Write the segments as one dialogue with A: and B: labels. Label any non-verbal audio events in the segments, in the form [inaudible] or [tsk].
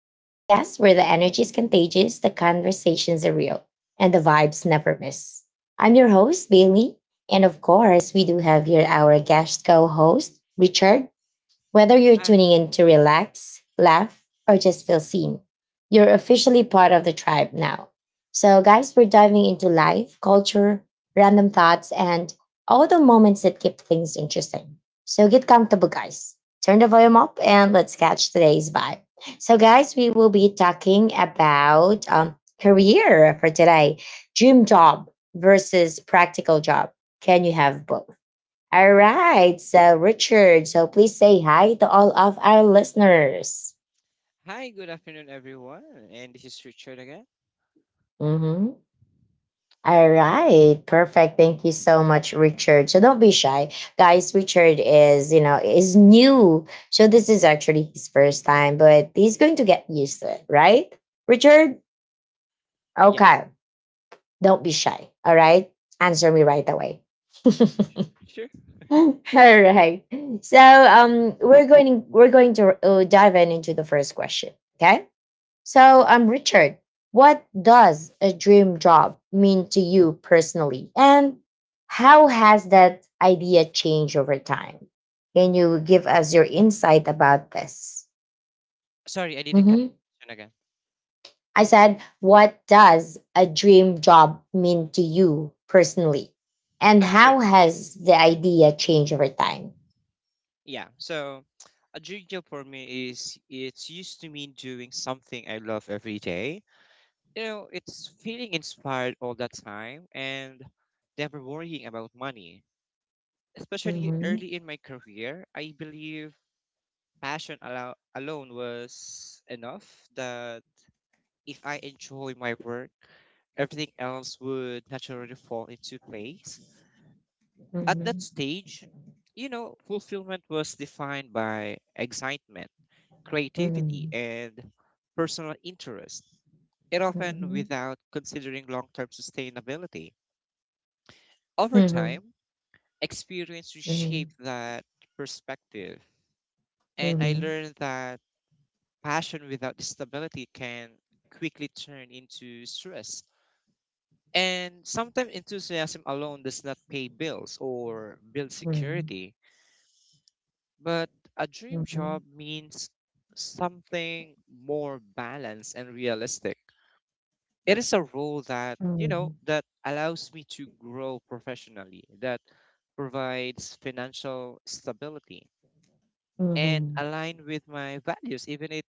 A: the podcast where the energy is contagious, the conversations are real, and the vibes never miss. I'm your host, Bailey. And of course, we do have here our guest co host, Richard. Whether you're
B: Hi.
A: tuning in to relax, laugh, or just feel seen, you're officially part of the tribe now. So, guys, we're diving into life, culture, random thoughts, and all the moments that keep things interesting. So, get comfortable, guys. Turn the volume up and let's catch today's vibe. So, guys, we will be talking about career for today, dream job versus practical job. Can you have both? All right. So, Richard, so please say hi to all of our listeners.
B: Hi, good afternoon, everyone. And this is Richard again.
A: Mhm. All right. Perfect. Thank you so much, Richard. So, don't be shy. Guys, Richard is new. So, this is actually his first time, but he's going to get used to it, right? Richard?
B: Yes.
A: Okay. Don't be shy. All right. Answer me right away. [laughs]
B: Sure.
A: All right. So we're going to dive in into the first question. Okay. So, Richard, what does a dream job mean to you personally? And how has that idea changed over time? Can you give us your insight about this?
B: Sorry, I didn't catch the question again.
A: I said, what does a dream job mean to you personally? And
B: Uh, sure.
A: how has the idea changed over time?
B: Yeah. So, [tsk] a dream job for me is it's used to mean doing something I love every day. You know, it's feeling inspired all the time and never worrying about money. Especially
A: Mm-hmm.
B: early in my career, I believe passion alone was enough that if I enjoy my work, everything else would naturally fall into place. At
A: Mm-hmm.
B: that stage, you know, fulfillment was defined by excitement,
A: Mm-hmm.
B: creativity, and personal interest, and often
A: Mm-hmm.
B: without considering long term sustainability. Over
A: Mm-hmm.
B: time, experience
A: Mm-hmm.
B: reshaped that perspective, and I
A: Mm-hmm.
B: learned that passion without stability can quickly turn into stress. And sometimes enthusiasm alone does not pay bills or build
A: Mm-hmm.
B: security, but a dream
A: Mm-hmm.
B: job means something more balanced and realistic. It is a role that allows me to grow professionally, that provides financial stability and
A: Mm-hmm.
B: align with my values, even it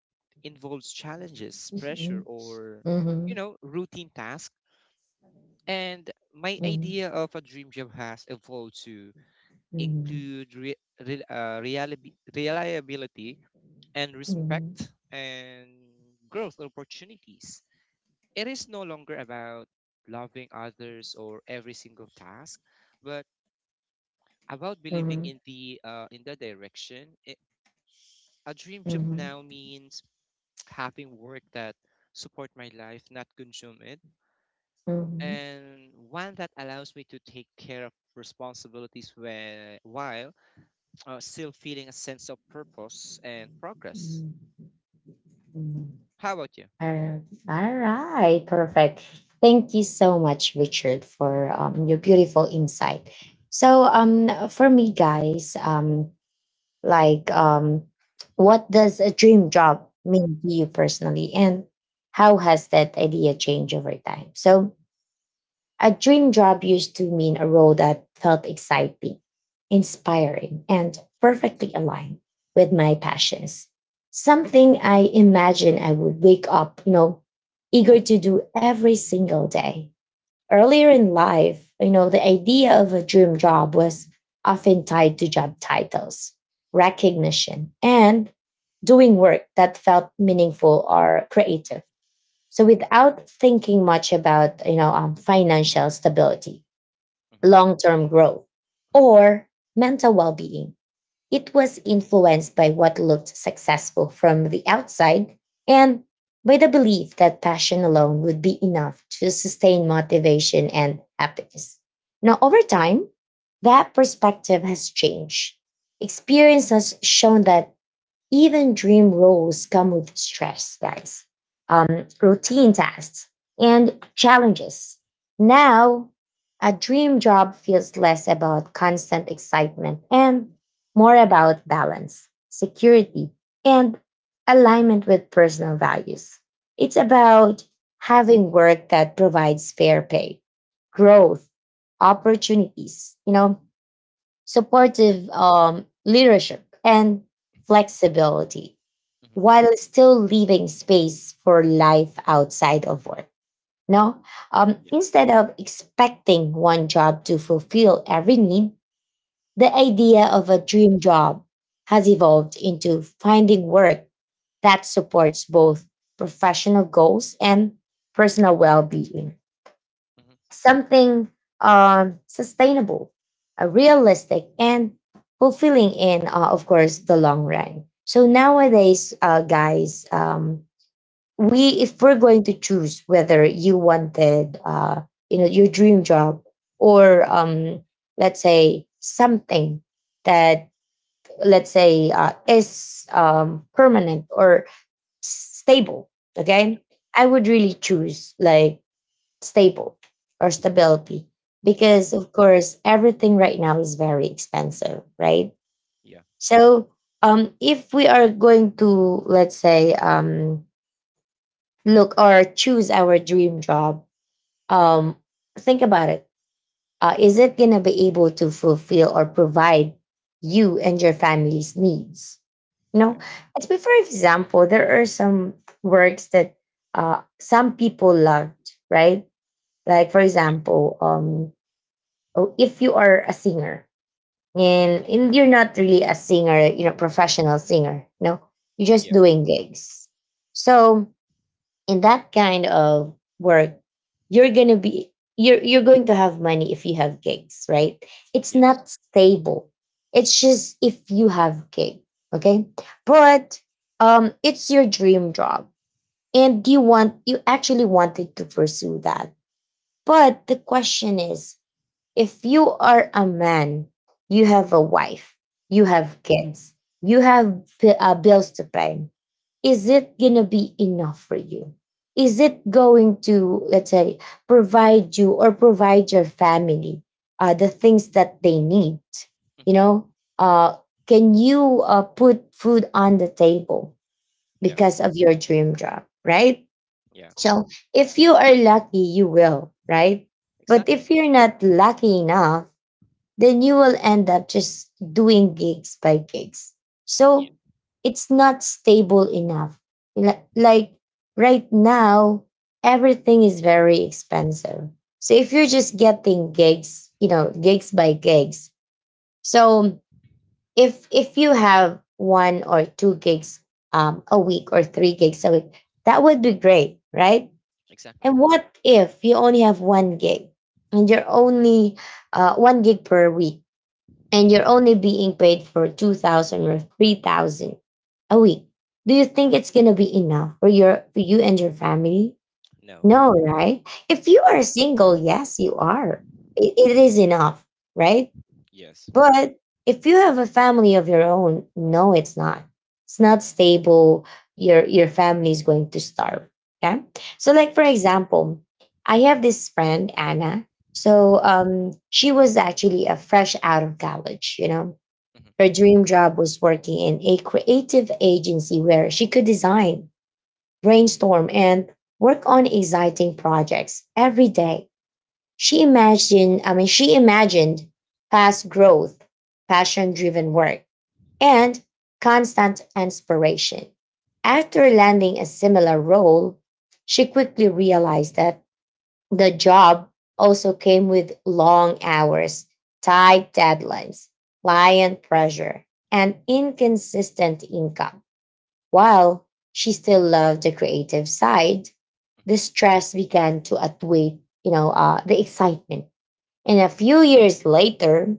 B: involves challenges, pressure,
A: Mhm.
B: or, you
A: Mhm.
B: know, routine tasks. And my
A: Mhm.
B: idea of a dream job has evolved to include reliability and
A: Mhm.
B: respect and growth opportunities. It is no longer about loving others or every single task, but about believing
A: Mhm.
B: in the direction. A dream job
A: Mhm.
B: now means [tsk] having work that support my life, not consume it,
A: Mhm. Mhm.
B: and one that allows me to take care of responsibilities while still feeling a sense of purpose and progress.
A: Mhm. Mhm.
B: How about you?
A: All all right, perfect. Thank you so much, Richard, for your beautiful insight. So, for me, guys, like, what does a dream job mean to you personally, and how has that idea changed over time? So, a dream job used to mean a role that felt exciting, inspiring, and perfectly aligned with my passions. Something I imagine I would wake up, you know, eager to do every single day. Earlier in life, you know, the idea of a dream job was often tied to job titles, recognition, and doing work that felt meaningful or creative, so without thinking much about financial stability,
B: Mm-hmm.
A: long-term growth, or mental well-being, it was influenced by what looked successful from the outside and by the belief that passion alone would be enough to sustain motivation and happiness. Now, over time, that perspective has changed. Experience has shown that even dream roles come with stress, guys, routine tasks, and challenges. Now, a dream job feels less about constant excitement and more about balance, security, and alignment with personal values. It's about having work that provides fair pay, growth, opportunities,
B: Yeah.
A: supportive leadership, and flexibility
B: Mm-hmm.
A: while still leaving space for life outside of work. No,
B: Yeah.
A: instead of expecting one job to fulfill every need, the idea of a dream job has evolved into finding work that supports both professional goals and personal well being,
B: Mm-hmm.
A: something sustainable, realistic, and fulfilling in, of course, the long run. So nowadays, guys, we if we're going to choose whether you wanted, your dream job, or let's say something that, let's say, is permanent or stable,
B: Yeah.
A: okay, I would really choose like stable, or stability, because
B: Exactly.
A: of course everything right now is very expensive, right?
B: Yeah.
A: So if we are going to, let's say, look or choose our dream job, um think about it. Uh, is it going to be able to fulfill or provide you and your family's needs, you know?
B: Yeah.
A: It's be- for example, there are some works that some people loved, right? Like for
B: Yeah.
A: example, oh, if you are a singer, and you're not really a singer, you know, professional singer, no, you're just
B: Yeah.
A: doing gigs. So in that kind of work, you're gonna be you're going to have money if you have gigs, right? It's not
B: Yes.
A: stable. It's just if you have gig, okay? But it's your dream job, and you actually wanted to pursue that. But the question is, if you are a man, you have a wife, you
B: Yeah.
A: have kids, you have bills to pay. Is it going to be enough for you? Is it going to, let's say, provide you or provide your family the things that they need? You
B: Mm-hmm.
A: know, uh, can you put food on the table
B: No.
A: because of your dream job, right?
B: Yeah.
A: So if you are lucky, you will, right? But if
B: Exactly.
A: you're not lucky enough, then you will end up just doing gigs by gigs.
B: Yeah.
A: So it's not stable enough. Like right now, everything is very expensive. So if you're just getting gigs, you know, gigs by gigs. So if you have one or two gigs a week, or three gigs a week, that would be great, right?
B: Exactly.
A: And what if you only have one gig, and you're only one gig per week? And you're only being paid for 2000 or 3000 a week. Do you think it's going to be enough for you and your family?
B: No.
A: No, right? If you
B: Yeah.
A: are single, yes you are, it is enough, right?
B: Yes.
A: But if you have a family of your own, no, it's not stable. Your family is going to starve, okay? So like for
B: Yes.
A: example, I have this friend anna. So she was actually a fresh out of college, you know.
B: Mm-hmm.
A: Her dream job was working in a creative agency where she could design, brainstorm, and work on exciting projects every day. She imagined, I mean, she imagined fast growth, passion driven work, and constant inspiration. After landing a similar role, she quickly realized that the job also came with long hours, tight deadlines, client pressure, and inconsistent income. While she still loved the creative side, the
B: Mm-hmm.
A: stress began to outweigh, the excitement. And a few years later,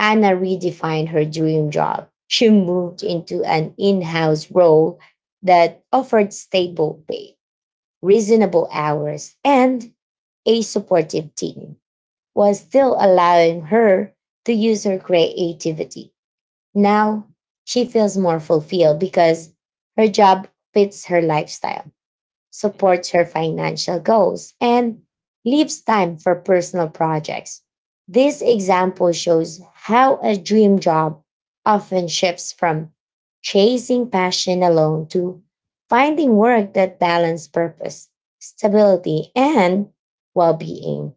A: Anna redefined her dream job. She moved into an in-house role that offered stable pay, reasonable hours, and a supportive team, was
B: Mm-hmm.
A: still allowing her to use her creativity. Now she feels more fulfilled because her job fits her lifestyle,
B: Mm-hmm.
A: supports her financial goals, and leaves time for personal projects. This example shows how a dream job often shifts from chasing passion alone to finding work that balances purpose, stability, and well being.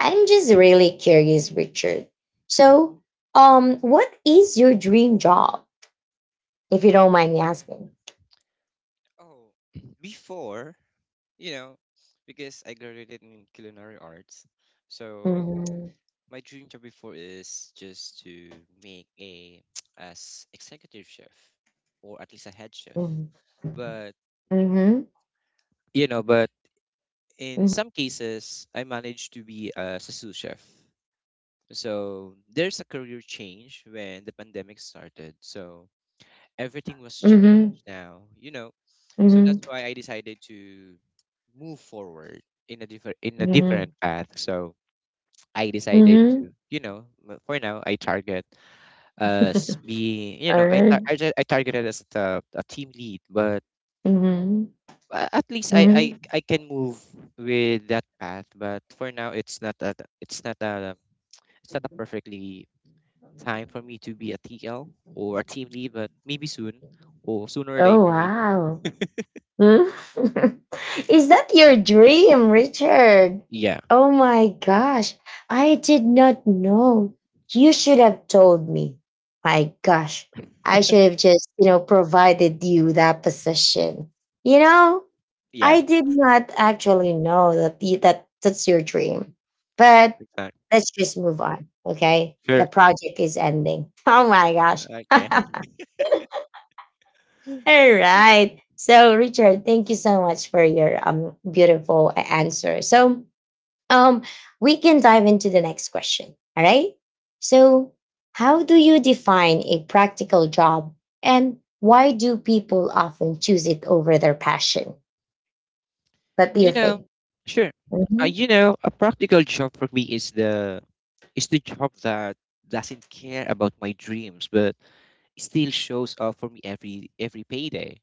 A: I'm just really curious, Richard. So, what is your dream job, if you don't mind me asking?
B: Oh, [clears throat] before, you know, because I graduated in culinary arts, so
A: Mm-hmm.
B: my dream job before is just to make a [tsk] as executive chef or at least a head chef. But
A: Mm-hmm.
B: you know, but in some cases I managed to be as a sous chef. So there's a career change when the pandemic started. So everything was
A: Mm-hmm.
B: changed now, you know. So
A: Mhm,
B: that's why I decided to move forward in a
A: mhm,
B: different path. So I decided to,
A: mhm.
B: you know, for now I target as being, you know,
A: Alright.
B: I targeted as the a team lead, but
A: Mhm,
B: a- at least I
A: mhm.
B: I can move with that path. But for now, it's not a it's not a perfectly time for me to be a TL or a team lead, but maybe soon or sooner
A: [laughs]
B: or
A: Oh,
B: later maybe.
A: wow. Hmm? [laughs] Is that your dream, Richard?
B: Yeah,
A: Oh my gosh. I did not know. You should have told me. My gosh. I should have just, provided you that position. You know?
B: yeah,
A: I did not actually know that that's your dream, but
B: exactly.
A: let's just move on. Okay, the
B: Sure.
A: project is ending. [laughs] Oh my gosh! [laughs] All
B: Okay.
A: right. So Richard, thank you so much for your beautiful answer. So um we can dive into the next question. All right. So how do you define a practical job, and why do people often choose it over their passion? What do you
B: You know,
A: think?
B: sure.
A: Mhm.
B: You know, a practical job for me is the job that doesn't care about my dreams, but still shows up for me every payday.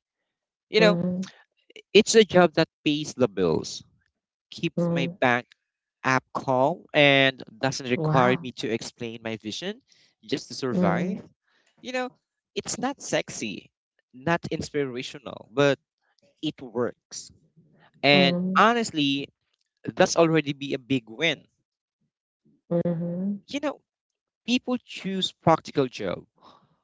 B: You know,
A: Mhm.
B: it's a job that pays the bills, keeps my
A: Mm,
B: bank app calm, and doesn't require
A: wow.
B: me to explain my vision just to
A: Mm,
B: survive. You know, it's not sexy, not inspirational, but it works. And
A: mm,
B: honestly, that's already be a big win.
A: mhm,
B: You know, people choose practical job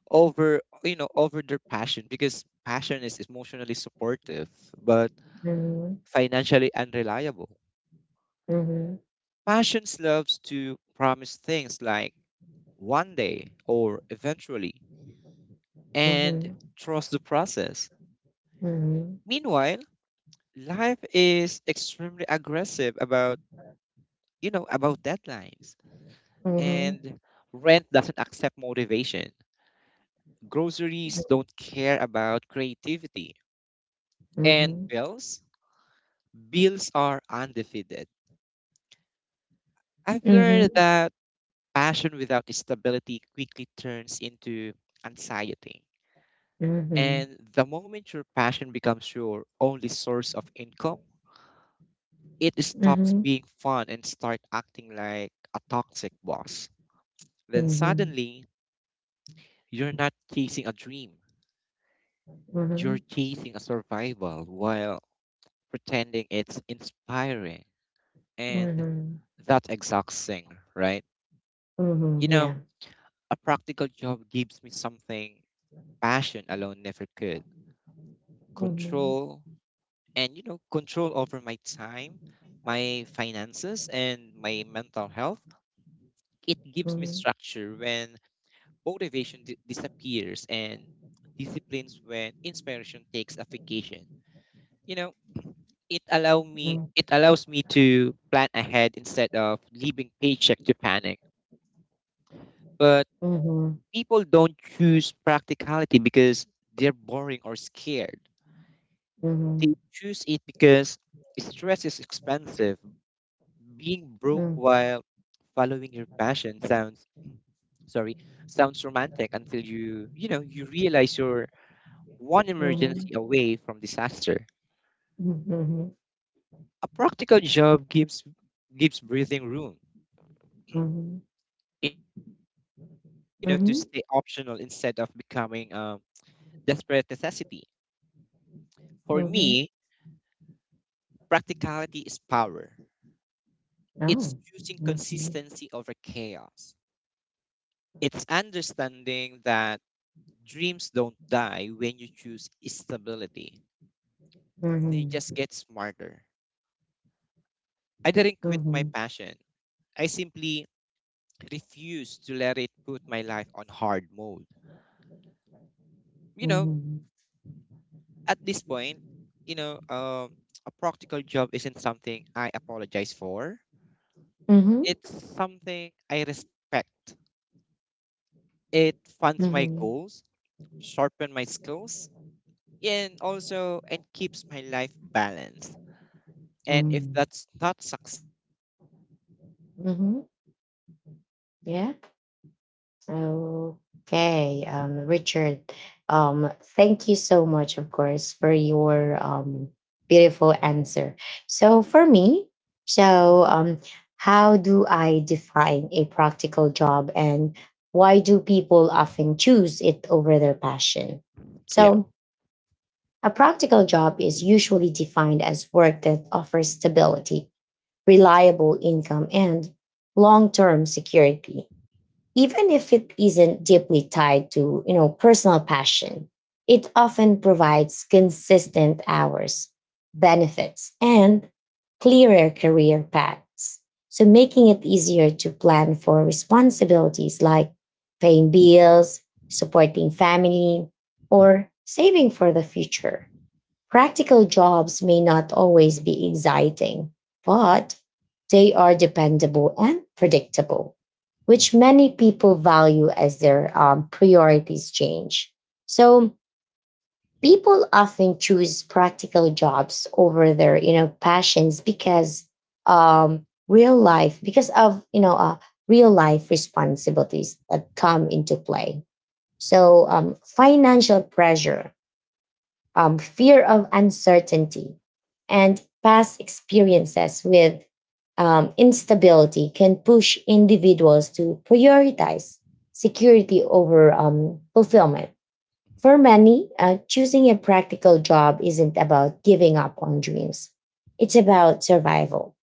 B: over, you know, over their passion because passion is emotionally supportive but
A: mhm,
B: financially unreliable.
A: mhm,
B: Passions loves to promise things like one day or eventually and
A: mhm,
B: trust the process.
A: mhm,
B: Meanwhile, life is extremely aggressive about, you know, about deadlines,
A: mhm,
B: and rent doesn't accept motivation, groceries don't care about creativity. And
A: mhm,
B: bills? Bills are undefeated. I've
A: mhm,
B: learned that passion without stability quickly turns into anxiety.
A: mhm,
B: And the moment your passion becomes your only source of income, it stops
A: mhm,
B: being fun and start acting like a toxic boss. Then
A: mhm,
B: suddenly, you're not chasing a dream. You're chasing a survival while pretending it's inspiring.
A: mhm,
B: And
A: mhm,
B: that's exhausting, right? You
A: mhm,
B: know,
A: yeah.
B: a practical job gives me something passion alone never could.
A: Mhm,
B: Control, and you know, control over my time, my finances and my mental health. It gives me
A: mhm,
B: structure when motivation disappears and disciplines when inspiration takes a vacation. You know, it allows me to plan ahead instead of leaving paycheck to panic. But
A: mm,
B: people don't choose practicality because they're boring or scared.
A: mhm,
B: They
A: mhm,
B: choose it because stress is expensive. Being broke
A: mm,
B: while following your passion sounds sorry, sounds romantic until you know, you realize you're one
A: mhm,
B: emergency away from disaster.
A: mhm,
B: A practical job gives breathing room.
A: mhm, mhm,
B: It allows passion to, you know,
A: mhm,
B: to stay
A: mhm.
B: optional instead of becoming desperate necessity. For me, practicality is power. It's
A: Oh.
B: choosing
A: Mhm,
B: consistency over chaos. It's understanding that dreams don't die when you choose stability, they just
A: mhm,
B: get smarter. I didn't quit my passion, I simply refused to let it put my life on hard mode. You know,
A: mhm,
B: at this point, you know, uh, a practical job isn't something I apologize for,
A: mhm,
B: it's something I respect. It funds my
A: mhm,
B: goals, sharpen my skills, and also and keeps my life balanced. And if
A: mhm,
B: that's not success, then
A: mhm.
B: I don't know what it is.
A: Yeah. Okay. Richard, um, thank you so much, of course, for your beautiful answer. So for me, so how do I define a practical job, and why do people often choose it over their passion?
B: Yeah.
A: So a practical job is usually defined as work that offers stability, reliable income, and long-term security, even if it isn't deeply tied to personal passion. It often provides consistent hours, benefits, and clearer career paths, so making it easier to plan for responsibilities like paying bills, supporting family, or saving for the future. Practical jobs may not always be exciting, but they are dependable and predictable, which many people value as their priorities change. So people often choose practical jobs over their, passions because real life, because of real life responsibilities that come into play. So financial pressure, fear of uncertainty, and past experiences with instability can push individuals to prioritize security over fulfillment. For many, choosing a practical job isn't about giving up on dreams. It's about survival,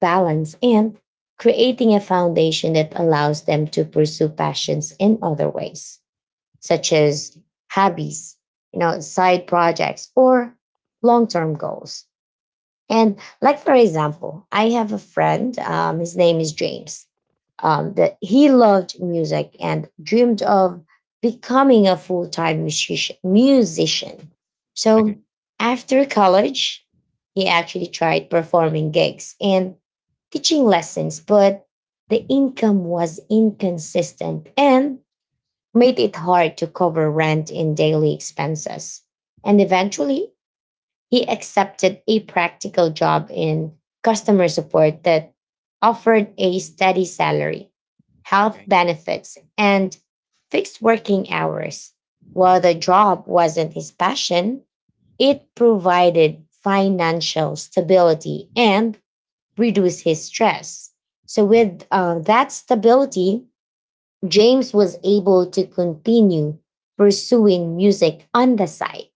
A: balance, and creating a foundation that allows them to pursue passions in other ways, such as hobbies, side projects, or long-term goals. And like for example, I have a friend. His name is James. That he loved music and dreamed of becoming a full-time musician.
B: Okay.
A: So after college, he actually tried performing gigs and teaching lessons, but the income was inconsistent and made it hard to cover rent and daily expenses. And eventually, he accepted a practical job in customer support that offered a steady salary, health
B: Okay.
A: benefits, and fixed working hours. While the job wasn't his passion,
B: Mhm.
A: it provided financial stability and reduced his stress. So, with that stability, James was able to continue pursuing music on the side,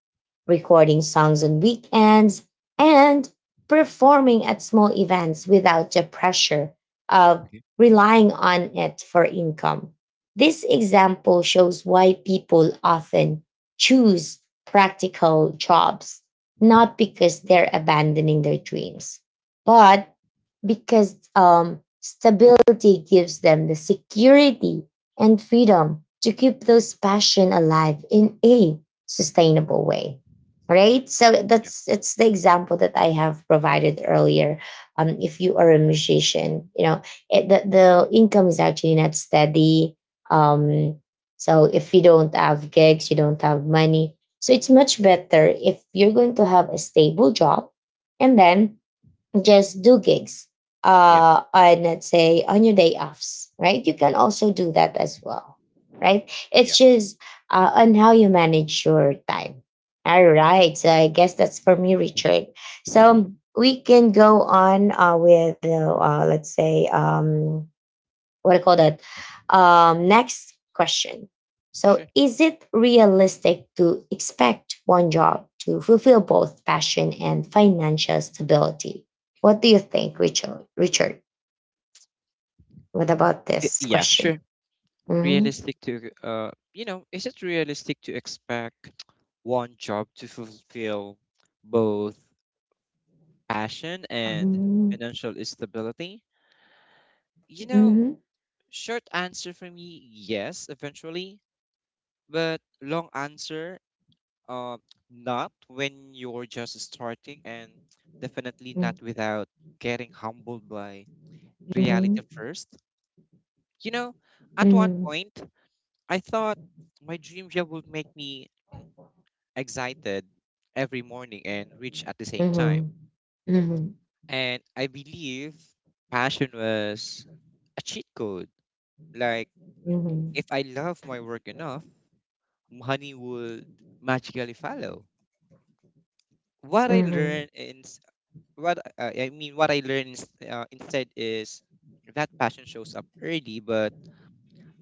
A: recording songs on weekends and performing at small events without the pressure of
B: Okay.
A: relying on it for income. This example shows why people often choose practical jobs,
B: Mhm.
A: not because they're abandoning their dreams, but because stability gives them the security and freedom to keep those passion alive in a sustainable way. Right, so
B: Yeah.
A: that's it's the example that I have provided earlier. If you are a musician, you know the income is actually not steady. Um, so if you don't have gigs, you don't have money, so it's much better if you're going to have a stable job and then just do gigs
B: Yeah.
A: on, let's say, on your day offs. Right, you can also do that as well. Right, it's
B: Yeah.
A: just on how you manage your time. All right, so I guess that's for me, Richard. So we can go on with the, let's say, what do you call that? Next question. So,
B: Sure.
A: is it realistic to expect one job to fulfill both passion and financial stability? What do you think, Richard? Richard, what about this
B: Yeah.
A: question?
B: Sure.
A: Hmm
B: Realistic to you know, is it realistic to expect one job to fulfill both passion and
A: hmm
B: financial stability? You know,
A: hmm
B: short answer for me, yes, eventually, but long answer, Uh, not when you're just starting, and definitely
A: hmm
B: not without getting humbled by reality
A: hmm
B: first. You know, at one
A: hmm
B: point, I thought my dream job would make me excited every morning and rich at the same
A: hmm
B: time.
A: hmm
B: And I believe passion was a cheat code. Like,
A: hmm
B: if I love my work enough, money would magically follow. What I
A: hmm hmm
B: learned in what I mean, what I learned is, instead, is that passion shows up early, but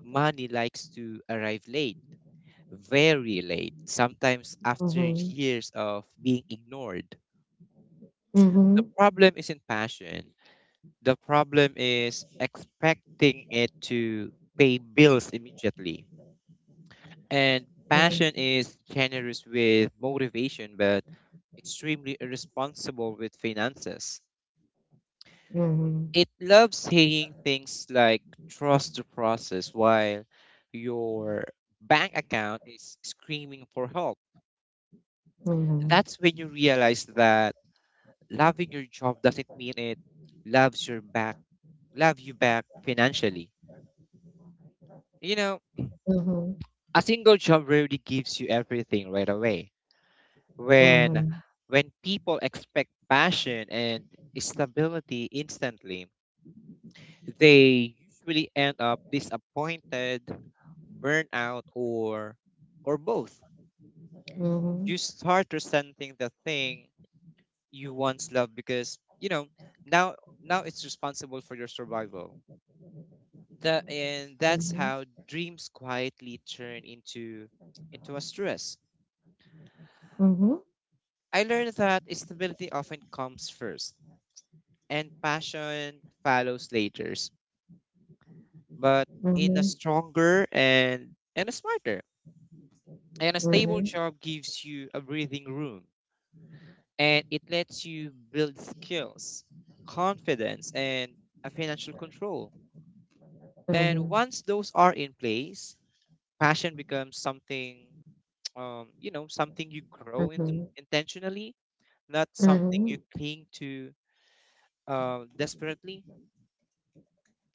B: money likes to arrive late, very late, sometimes after years of being ignored.
A: hmm hmm hmm
B: The
A: hmm
B: problem isn't passion. The problem is expecting it to pay bills immediately. And passion is generous with motivation, but extremely irresponsible with finances. It loves saying things like trust the process while your bank account is screaming for help. That's when you realize that loving your job doesn't mean it loves your back, love you back financially. You know, a single job rarely gives you everything right away. When
A: hmm
B: when people expect passion and stability instantly, they usually end up disappointed, burnout, or both.
A: hmm
B: You start resenting the thing you once loved because, you know, now now it's responsible for your survival. That's
A: hmm
B: how dreams quietly turn into a stress.
A: Mhm,
B: I learned that stability often comes first and passion follows later, but in a
A: mhm,
B: stronger and a smarter. And a stable
A: mhm,
B: job gives you a breathing room, and it lets you build skills, confidence, and a financial control. And
A: mhm,
B: once those are in place, passion becomes something, [tsk] you know, something you grow
A: mhm,
B: intentionally, not something you
A: mhm,
B: cling to desperately.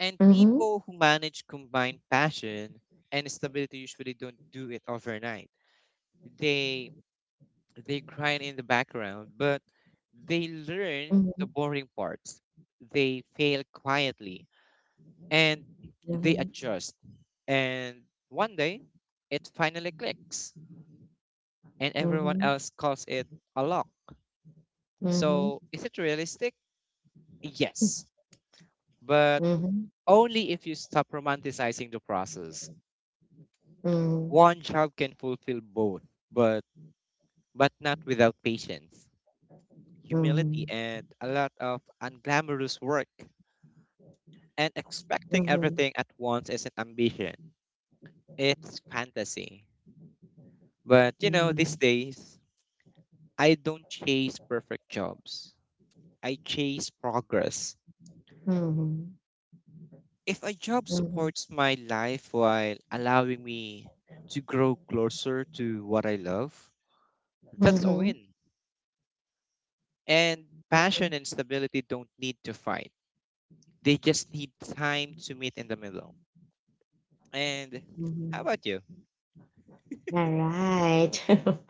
B: And
A: mhm,
B: people who manage combined passion and stability usually don't do it overnight. They They grind in the background, but they learn the
A: mhm,
B: boring parts. They fail quietly and they
A: mhm,
B: adjust. And one day, it finally clicks, and everyone
A: mhm,
B: else calls it a lock.
A: mhm,
B: So, is it realistic? Yes, but
A: mhm,
B: only if you stop romanticizing the process. One job can fulfill both, but but not without patience, humility, and a lot of unglamorous work. And
A: mhm,
B: expecting
A: mhm, mhm,
B: everything at once isn't ambition, it's fantasy. But you know, these days, I don't chase perfect jobs, I chase progress. If a job
A: mhm, mhm, mhm, mhm,
B: supports my life while allowing me to grow closer to what I love, that's a
A: mhm.
B: win. And passion and stability don't need to fight, they just need time to meet in the middle. And how about you?
A: All right.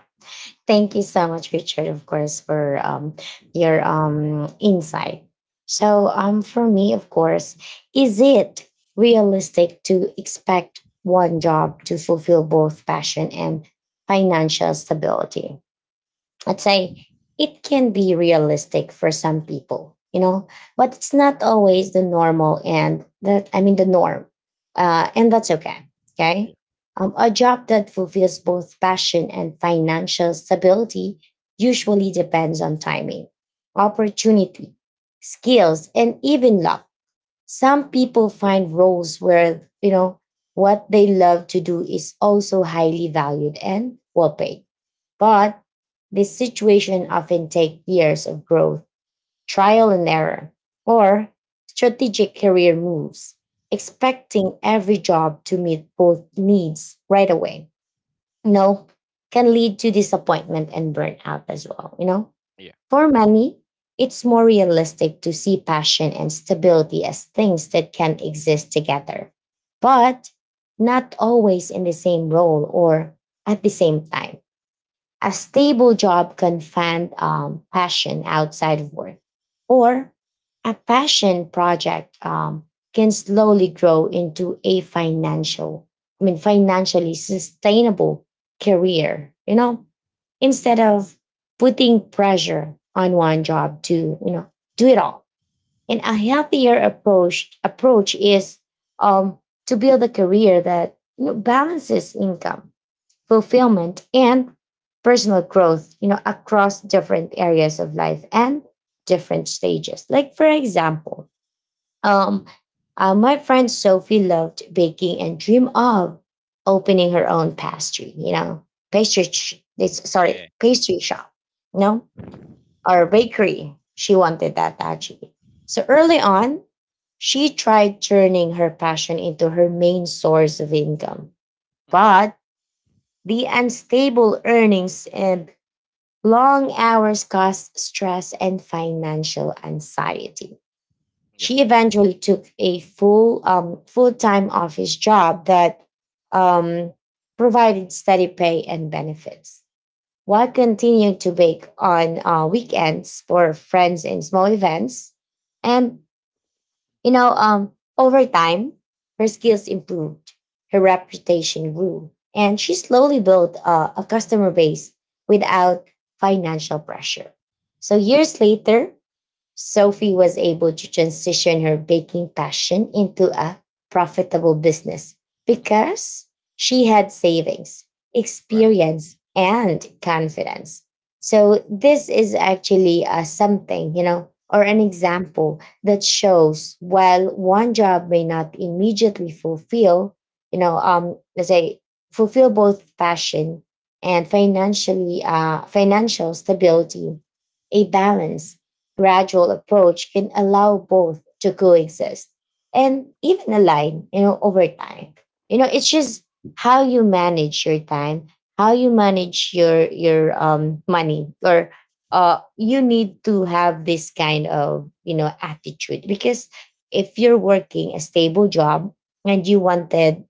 A: [laughs] Thank you so much, Richard, of course, for your insight. So, for me, of course, is it realistic to expect one job to fulfill both passion and financial stability? I'd say it can be realistic for some people, you know, but it's not always the normal and that, I mean, the norm. And that's okay.
B: Yeah.
A: Okay. A job that fulfills both passion and financial stability usually depends on timing, opportunity, skills, and even luck. Some people find roles where, you know, what they love to do is also highly valued and well paid,
B: Yeah.
A: but this situation often take years of growth, trial and error, or strategic career moves,
B: Mhm.
A: expecting every job to meet both needs right away. You know, can lead to disappointment and burnout as well, you know?
B: Yeah.
A: For many, it's more realistic to see passion and stability as things that can exist together,
B: Mhm.
A: but not always in the same role or at the same time. A stable job can fund passion outside of work,
B: Okay.
A: or a passion project can slowly grow into a financial, I mean, financially sustainable career. You know,
B: Yeah.
A: instead of putting pressure on one job to, you know, do it all. And a healthier approach is um, to build a career that, you know, balances income, fulfillment, and personal growth, you know, across different areas of life and different stages. Like, for example, um, my friend Sophie loved baking and dreamed of opening her own pastry, you know, pastry, it's, sorry,
B: Yeah.
A: pastry shop, no, or bakery. She wanted that actually. So early on, she tried turning her passion into her main source of income.
B: Yeah.
A: But the unstable earnings and long hours caused stress and financial anxiety.
B: Yeah.
A: She eventually took a full-time office job that um, provided steady pay and benefits, while continuing to bake on weekends for friends and small events. And
B: Hmm.
A: you know, over time, her skills improved, her reputation grew, and she slowly built a customer base without financial pressure. So years later, Sophie was able to transition her baking passion into a profitable business because she had savings,
B: Wow.
A: experience, and confidence. So, this is actually something, you know, or an example that shows while one job may not immediately fulfill, you know, let's say fulfill both passion and financial stability, a balance gradual approach can allow both to coexist and even align, you know, over time. You know, it's just how you manage your time, how you manage your money, or you need to have this kind of, you know, attitude because if you're working a stable job and you wanted,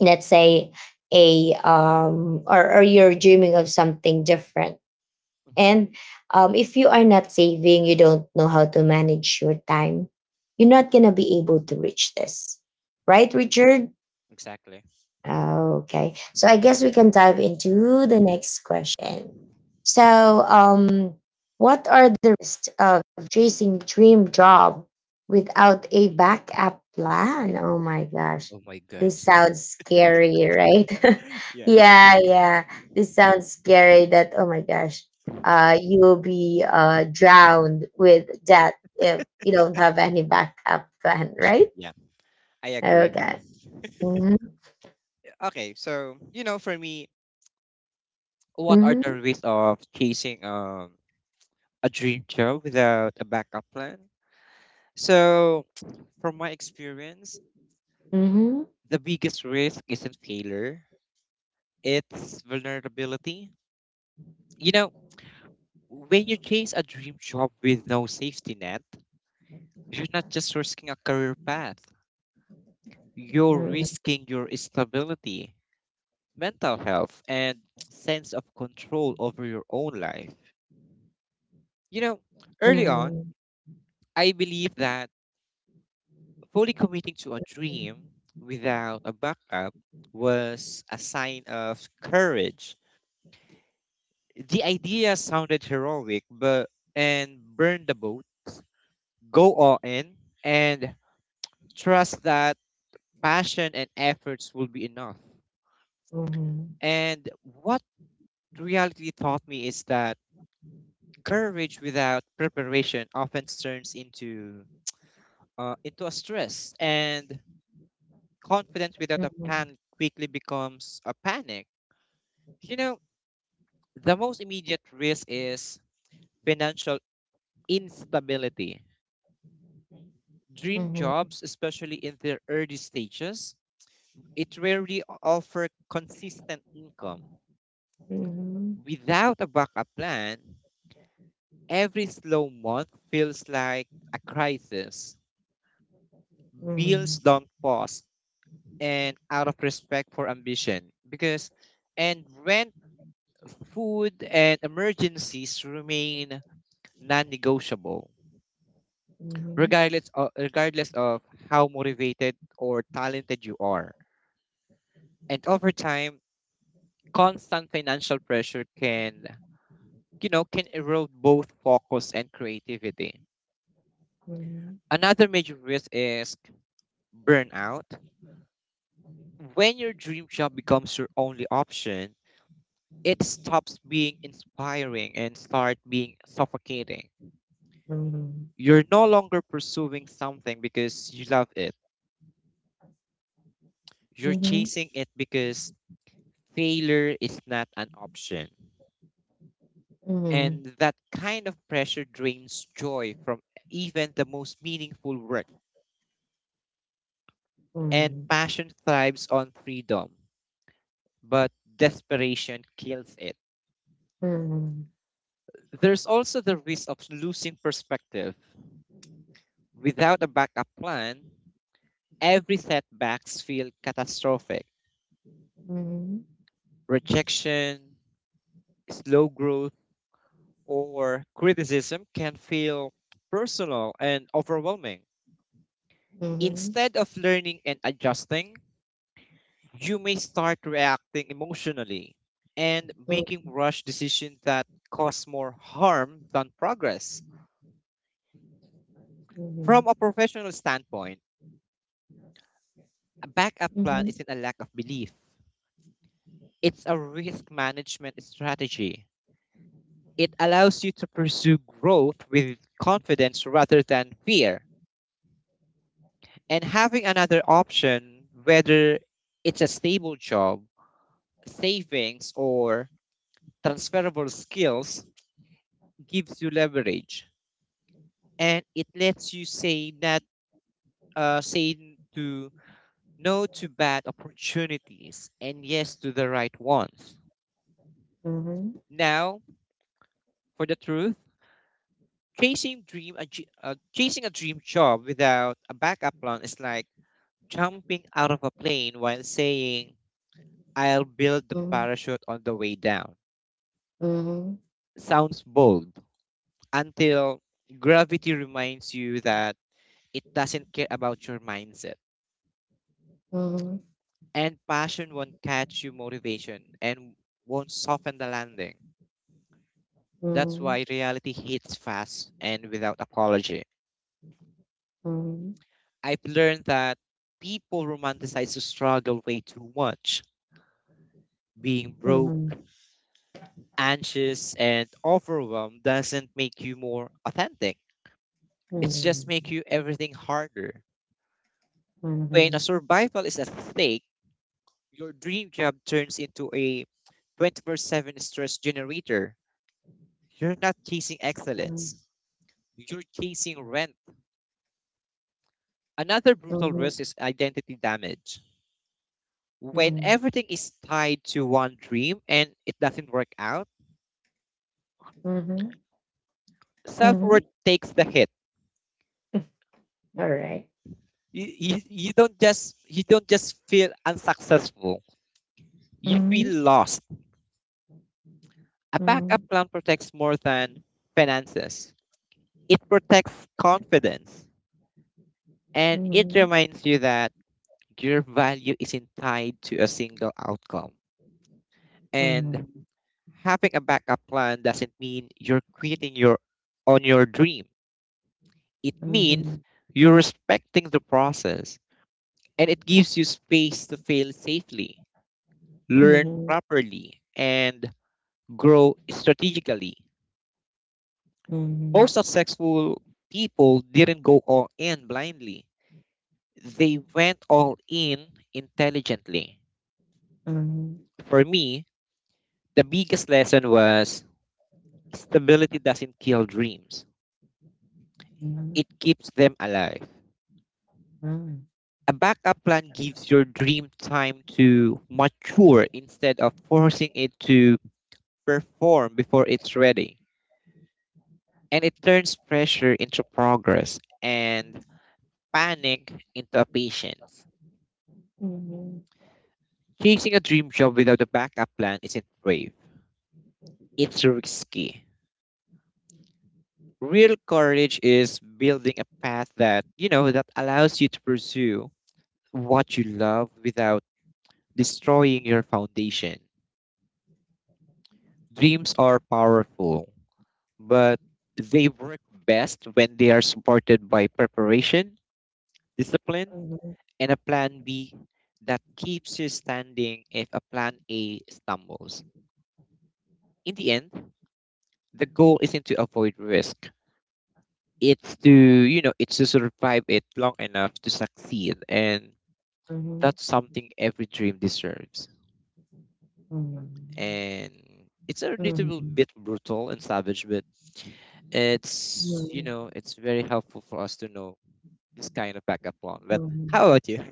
A: let's say, a or you're dreaming of something different
B: Hmm.
A: and if you are not saving, you don't know how to manage your time, you're not going to be able to reach this.
B: Yeah.
A: Right, Richard?
B: Exactly.
A: Okay. So I guess we can dive into the next question. So, um, what are the risks of chasing dream job without a backup plan? Oh my gosh.
B: Oh my God.
A: This sounds scary, right? [laughs]
B: [laughs] Yeah.
A: Yeah, yeah. This sounds scary that oh my gosh, you will be drowned with debt if you don't have any backup plan, right?
B: Yeah. I agree.
A: Okay. Mm-hmm.
B: Okay. So, you know, for me, what are
A: Mm-hmm.
B: the risks of chasing a dream job without a backup plan? So, [tsk] from my experience,
A: Mm-hmm.
B: the biggest risk isn't failure, it's vulnerability. You know, when you chase a dream job with no safety net, you're not just risking a career path, you're
A: Mm-hmm.
B: risking your stability, mental health, and sense of control over your own life. You know, early on,
A: Mhm,
B: I believed that fully committing to a dream without a backup was a sign of courage. The idea sounded heroic, but and burn the boat, go all in, and trust that passion and efforts will be enough.
A: mhm,
B: And what reality taught me is that courage without preparation often turns into a stress, and confidence without a
A: mhm,
B: plan quickly becomes a panic. You know, the most immediate risk is financial instability. Dream
A: mhm,
B: jobs, especially in their early stages, it rarely offer consistent income.
A: mhm, mhm,
B: Without a backup plan, every slow month feels like a crisis. Bills
A: mhm,
B: don't pause and out of respect for ambition because and rent food and emergencies remain non-negotiable regardless of how motivated or talented you are. And over time constant financial pressure can can erode both focus and creativity.
A: mhm,
B: Another major risk is burnout. When your dream job becomes your only option, it stops being inspiring and start being suffocating.
A: mhm,
B: You're no longer pursuing something because you love it. You're
A: mhm,
B: chasing it because failure is not an option.
A: mhm, mhm,
B: And that kind of pressure drains joy from even the most meaningful work. And passion thrives on freedom, but desperation kills it.
A: mhm,
B: There's also the risk of losing perspective. Without a backup plan, every setbacks feel catastrophic.
A: mhm,
B: Rejection, slow growth, or criticism can feel personal and overwhelming.
A: mhm,
B: Instead of learning and adjusting, you may start reacting emotionally and making rush decisions that cause more harm than progress.
A: mhm,
B: From a professional standpoint, a
A: mhm, mhm, mhm, mhm, mhm, mhm, mhm,
B: backup
A: mhm, mhm, mhm, mhm,
B: plan
A: mhm,
B: isn't a lack of belief. It's a risk management strategy. It allows you to pursue growth with confidence rather than fear. And having another option, whether it's a stable job, savings, or transferable skills, gives you leverage. And it lets you say to no to bad opportunities and yes to the right ones.
A: mhm,
B: Now, for the truth, chasing a dream job without a backup plan is like jumping out of a plane while saying, "I'll build the parachute on the way down." Sounds bold until gravity reminds you that it doesn't care about your mindset.
A: mhm,
B: And passion won't catch you, motivation and won't soften the landing. That's why reality hits fast and without apology. I've learned that people romanticize the struggle way too much. Being broke, anxious and overwhelmed doesn't make you more authentic. It's just make you everything harder. When a survival is at stake, your dream job turns into a 24/7 stress generator. You're not chasing excellence. You're chasing rent. Another brutal risk is identity damage. When everything is tied to one dream and it doesn't work out,
A: mhm, mhm.
B: self-worth takes the hit.
A: All right.
B: You don't just feel unsuccessful, you
A: Mhm,
B: feel lost. A backup
A: mhm,
B: plan protects more than finances, it protects confidence. And it
A: mhm,
B: reminds you that your value isn't tied to a single outcome.
A: mhm,
B: And having a backup plan doesn't mean you're quitting your on your dream. It means
A: mhm.
B: you're respecting the process, and it gives you space to fail safely, learn
A: Mhm,
B: properly, and grow strategically. More
A: mhm,
B: successful people didn't go all in blindly. They went all in intelligently.
A: mhm,
B: For me, the biggest lesson was stability doesn't kill dreams.
A: mhm,
B: It keeps them alive.
A: mhm,
B: A backup plan gives your dream time to mature instead of forcing it to perform before it's ready. And it turns pressure into progress and panic into patience.
A: mhm,
B: Chasing a dream job without a backup plan isn't brave, it's risky. Real courage is building a path that, you know, that allows you to pursue what you love without destroying your foundation. Dreams are powerful, but they work best when they are supported by preparation, discipline,
A: mhm,
B: and a plan B that keeps you standing if a plan A stumbles. In the end, the goal isn't to avoid risk it's to you know it's to survive it long enough to succeed, and
A: mhm,
B: that's something every dream deserves.
A: mhm,
B: And it's a little
A: mhm.
B: bit brutal and savage, but it's
A: Mhm,
B: it's very helpful for us to know this kind of backup plan. But
A: mhm.
B: how about you?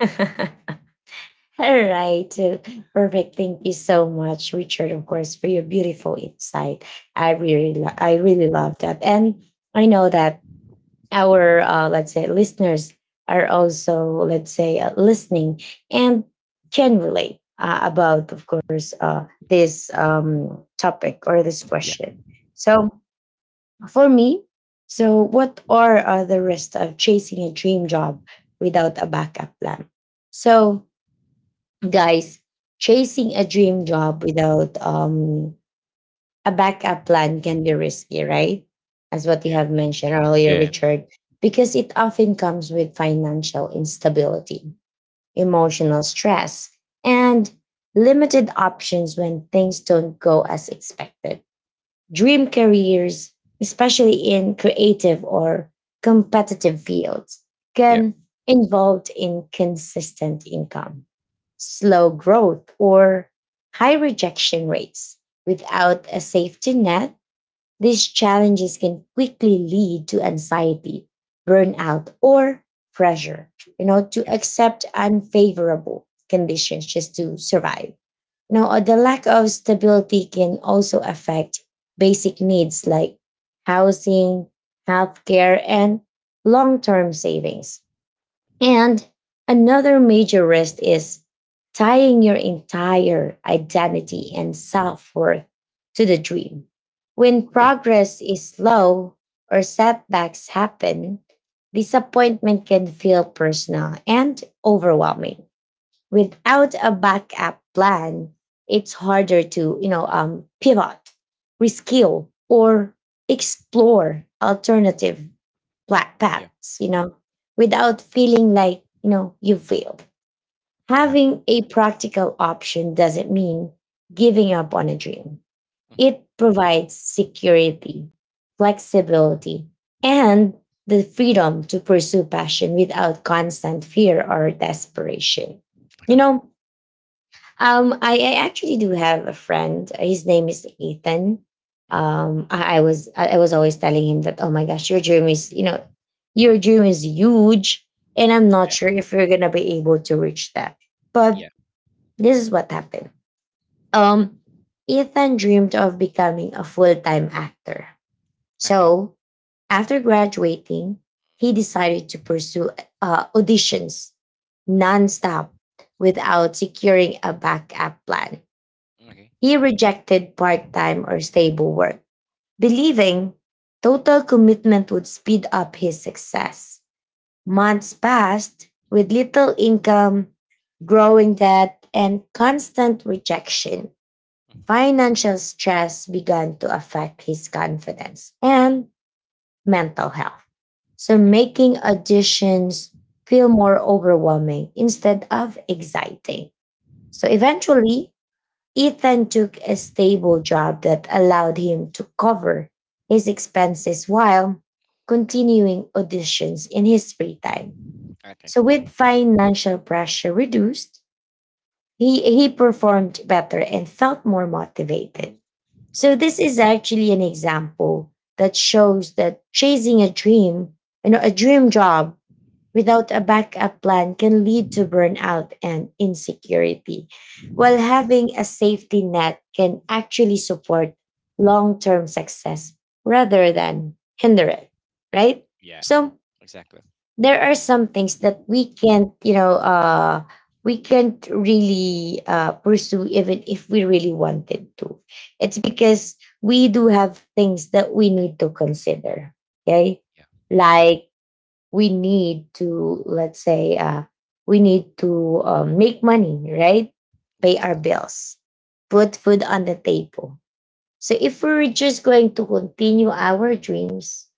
A: [laughs] All right. Perfect. Thank you so much, Richard, of course, for your beautiful insight. I really, I really love that. And I know that our, let's say, listeners are also, let's say, listening and generally about, of course, this topic or this
B: [laughs] yeah
A: question. So for me, so what are the risks of chasing a dream job without a backup plan? So, guys, chasing a dream job without a backup plan can be risky, right? As what you
B: yeah
A: have mentioned earlier,
B: yeah.
A: Richard, because it often comes with financial instability, emotional stress, and limited options when things don't go as expected. Dream careers, especially in creative or competitive fields,
B: yeah
A: can involve inconsistent income, slow growth, or high rejection rates. Without a safety net, these challenges can quickly lead to anxiety, burnout, or pressure, you know, to
B: Yeah.
A: accept unfavorable conditions just to survive. No, the lack of stability can also affect basic needs like housing, healthcare, and long term savings. And another major risk is tying your entire identity and self worth to the dream. When
B: Okay.
A: progress is slow or setbacks happen, disappointment can feel personal and overwhelming without a backup plan. It's harder to, you know, pivot, reskill, or explore alternative
B: yeah
A: paths, you know, without feeling like, you know, you fail.
B: yeah
A: Having a practical option doesn't mean giving up on a dream.
B: Mhm.
A: It provides security, flexibility, and the freedom to pursue passion without constant fear or desperation.
B: Okay.
A: You know, I actually do have a friend. His name is Ethan.
B: Mhm.
A: I was, I was always telling him that, oh my gosh, your dream is, you know, your dream is huge, and I'm not
B: yeah
A: sure if you're gonna be able to reach that. But
B: yeah
A: this is what happened. Um, Ethan dreamed of becoming a full time actor.
B: Okay.
A: So after graduating, he decided to pursue auditions nonstop without securing a backup plan.
B: okay
A: He rejected part time or stable work, believing total commitment would speed up his success. Months passed with little income, growing debt, and constant rejection.
B: mhm.
A: Financial stress began to affect his confidence and mental health, so
B: okay
A: making auditions feel more overwhelming instead of exciting. So eventually, Ethan took a stable job that allowed him to cover his expenses while continuing auditions in his free time.
B: okay
A: So, with financial pressure reduced, he performed better and felt more motivated. So,
B: Well,
A: this is actually an example that shows that chasing a dream, you know, a dream job without a backup plan can lead to burnout and insecurity, while having a safety net can actually support long term success rather than hinder it, right?
B: yeah.
A: So,
B: Exactly.
A: there are some things that we can't, you know, we can't really pursue even if we really wanted to. It's because we do have things that we need to consider, okay?
B: Yeah.
A: Like we need to, let's say, we need to make money, right, pay
B: yes
A: our bills, put food on the table. So if we're just going to continue our dreams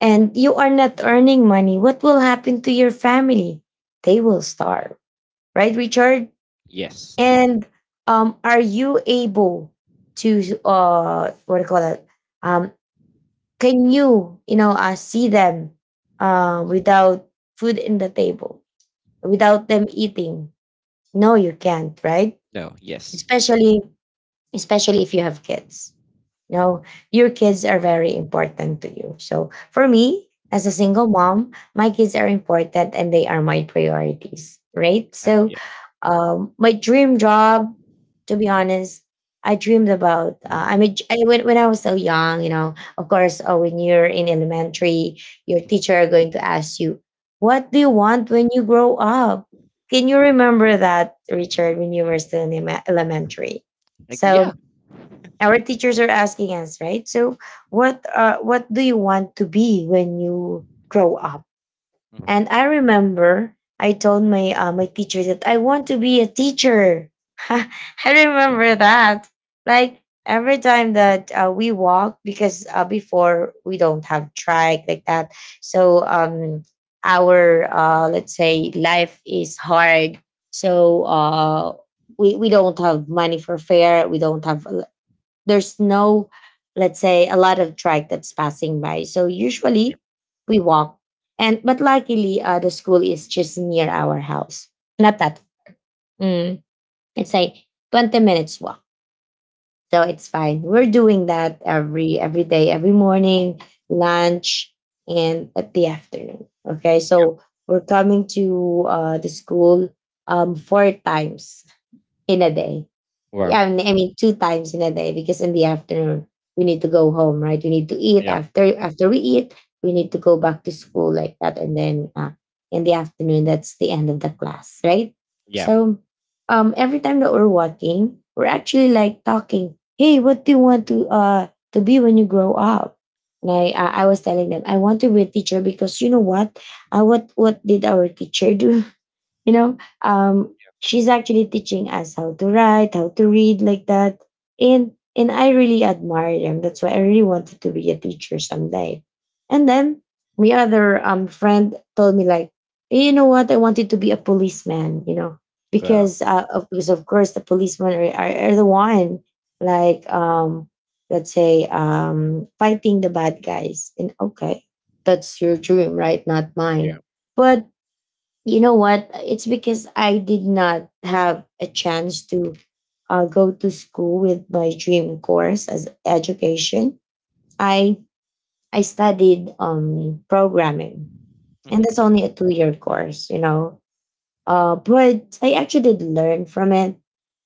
A: and you are not earning money, what will happen to your family? They will starve, right, Richard?
B: yes.
A: And are you able to, what do you call it? um can you, you know, see them without food in the table, without them eating. No, you can't, right?
B: No. Yes.
A: Especially especially if you have kids. No, your kids are very important to you. So for me, as a single mom, my kids are important and they are my priorities, right?
B: Exactly,
A: So
B: yeah.
A: my dream job, to be honest, I dreamed about. When I was so young, of course, when you're in elementary, your teacher are going to ask you, "What do you want when you grow up?" Can you remember that, Richard, when you were still in elementary?
B: Like, yeah.
A: So our teachers are asking us, right? So what do you want to be when you grow up?
B: Mhm.
A: And I remember I told my my teacher that I want to be a teacher. [laughs] I
B: Yeah.
A: remember that, like every time that we walk, because before we don't have track like that. So our, let's say, life is hard. So we don't have money for fare, we don't have, there's no, let's say, a lot of trike that's passing by, so
B: Yeah.
A: usually we walk. And but luckily, the school is just near our house, not that, mm, it's like 20 minutes walk. So it's fine, we're
B: Mhm.
A: doing that every day, every morning, lunch, and at the afternoon. Okay,
B: Yeah.
A: so we're coming to the school four times in a day. Yeah,
B: Wow.
A: I mean, two times in a day, because in the afternoon we need to go home, right? We need to eat.
B: Yeah.
A: After we eat, we need to go back to school like that. And then in the afternoon, that's the end of the class, right?
B: Yeah.
A: So, every time that we're walking, we're actually like talking. Hey, what do you want to to be when you grow up? And I was telling them I want to be a teacher, because you know what, what did our teacher do? you know um she's actually teaching us how to write, how to read, like that. And I really admire them. That's why I really wanted to be a teacher someday. And then my other friend told me, like, "Eh, you know what, I wanted to be a policeman, you know,
B: Wow.
A: because because of course the policemen are the one, like, let's say, fighting the bad guys." And okay, that's your dream, right, not
B: Yeah.
A: mine. But you know what, it's because I did not have a chance to go to school with my dream course as education. I i studied programming, and
B: Hmm.
A: that's only a 2 year course, you know. But I actually did learn from it.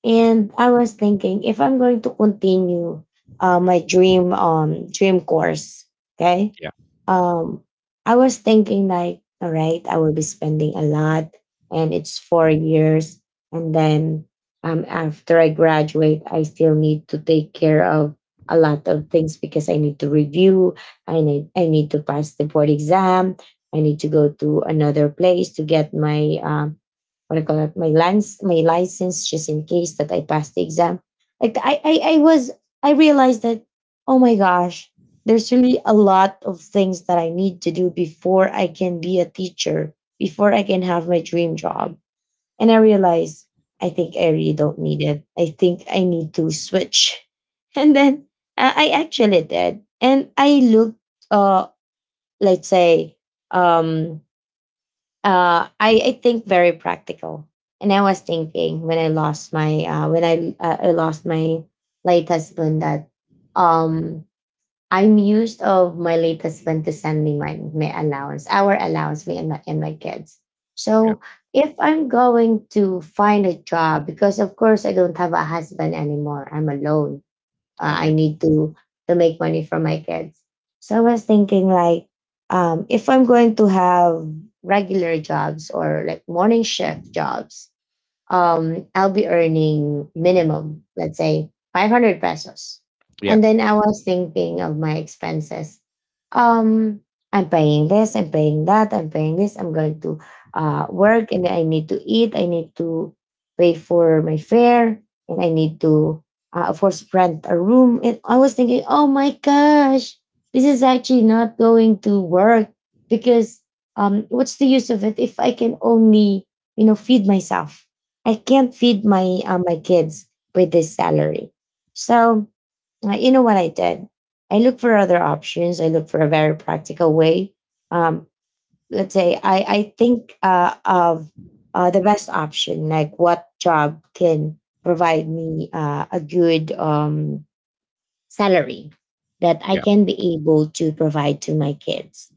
A: And I was thinking, if I'm going to continue my dream course, okay?
B: Yeah.
A: Um I was thinking like, all right, I will be spending a lot, and it's 4 years. And then after I graduate I still need to take care of a lot of things, because I need to review, I need to pass the board exam, I need to go to another place to get my what do you call it, my lens, my license, just in case that I pass the exam. Like I was, I realized that, oh my gosh, there's really a lot of things that I need to do before I can be a teacher, before I can have my dream job. And I realized, I think I really don't need it. I think I need to switch. [laughs] And then I actually did. And I looked, uh, let's say, um I think very practical. And I was thinking when I lost my when I lost my late husband, that um I'm used of my late husband to send me my allowance, our allowance, me and my kids.
B: Yeah.
A: So if I'm going to find a job, because of course I don't have a husband anymore, I'm alone, i
B: Yeah.
A: need to to make money for my kids. So I was thinking like, if I'm going to have regular jobs or like morning shift jobs, I'll be earning minimum, let's say, 500 pesos.
B: Yeah.
A: And then I was thinking of my expenses. Um, I'm paying this, I'm paying that, I'm paying this, I'm going to
B: Hmm.
A: work, and then I need to eat, I need to pay for my fare, and I need to, of course, rent a room. And I was thinking, oh my gosh, this is actually not going to work, because what's the use of it if I can only, you know, feed myself? I can't feed my my kids with this salary. So you know what I did? I look for other options. I look for a very practical way. Um, let's say I think of the best option, like what job can provide me a good salary that I
B: Yeah.
A: can be able to provide to my kids.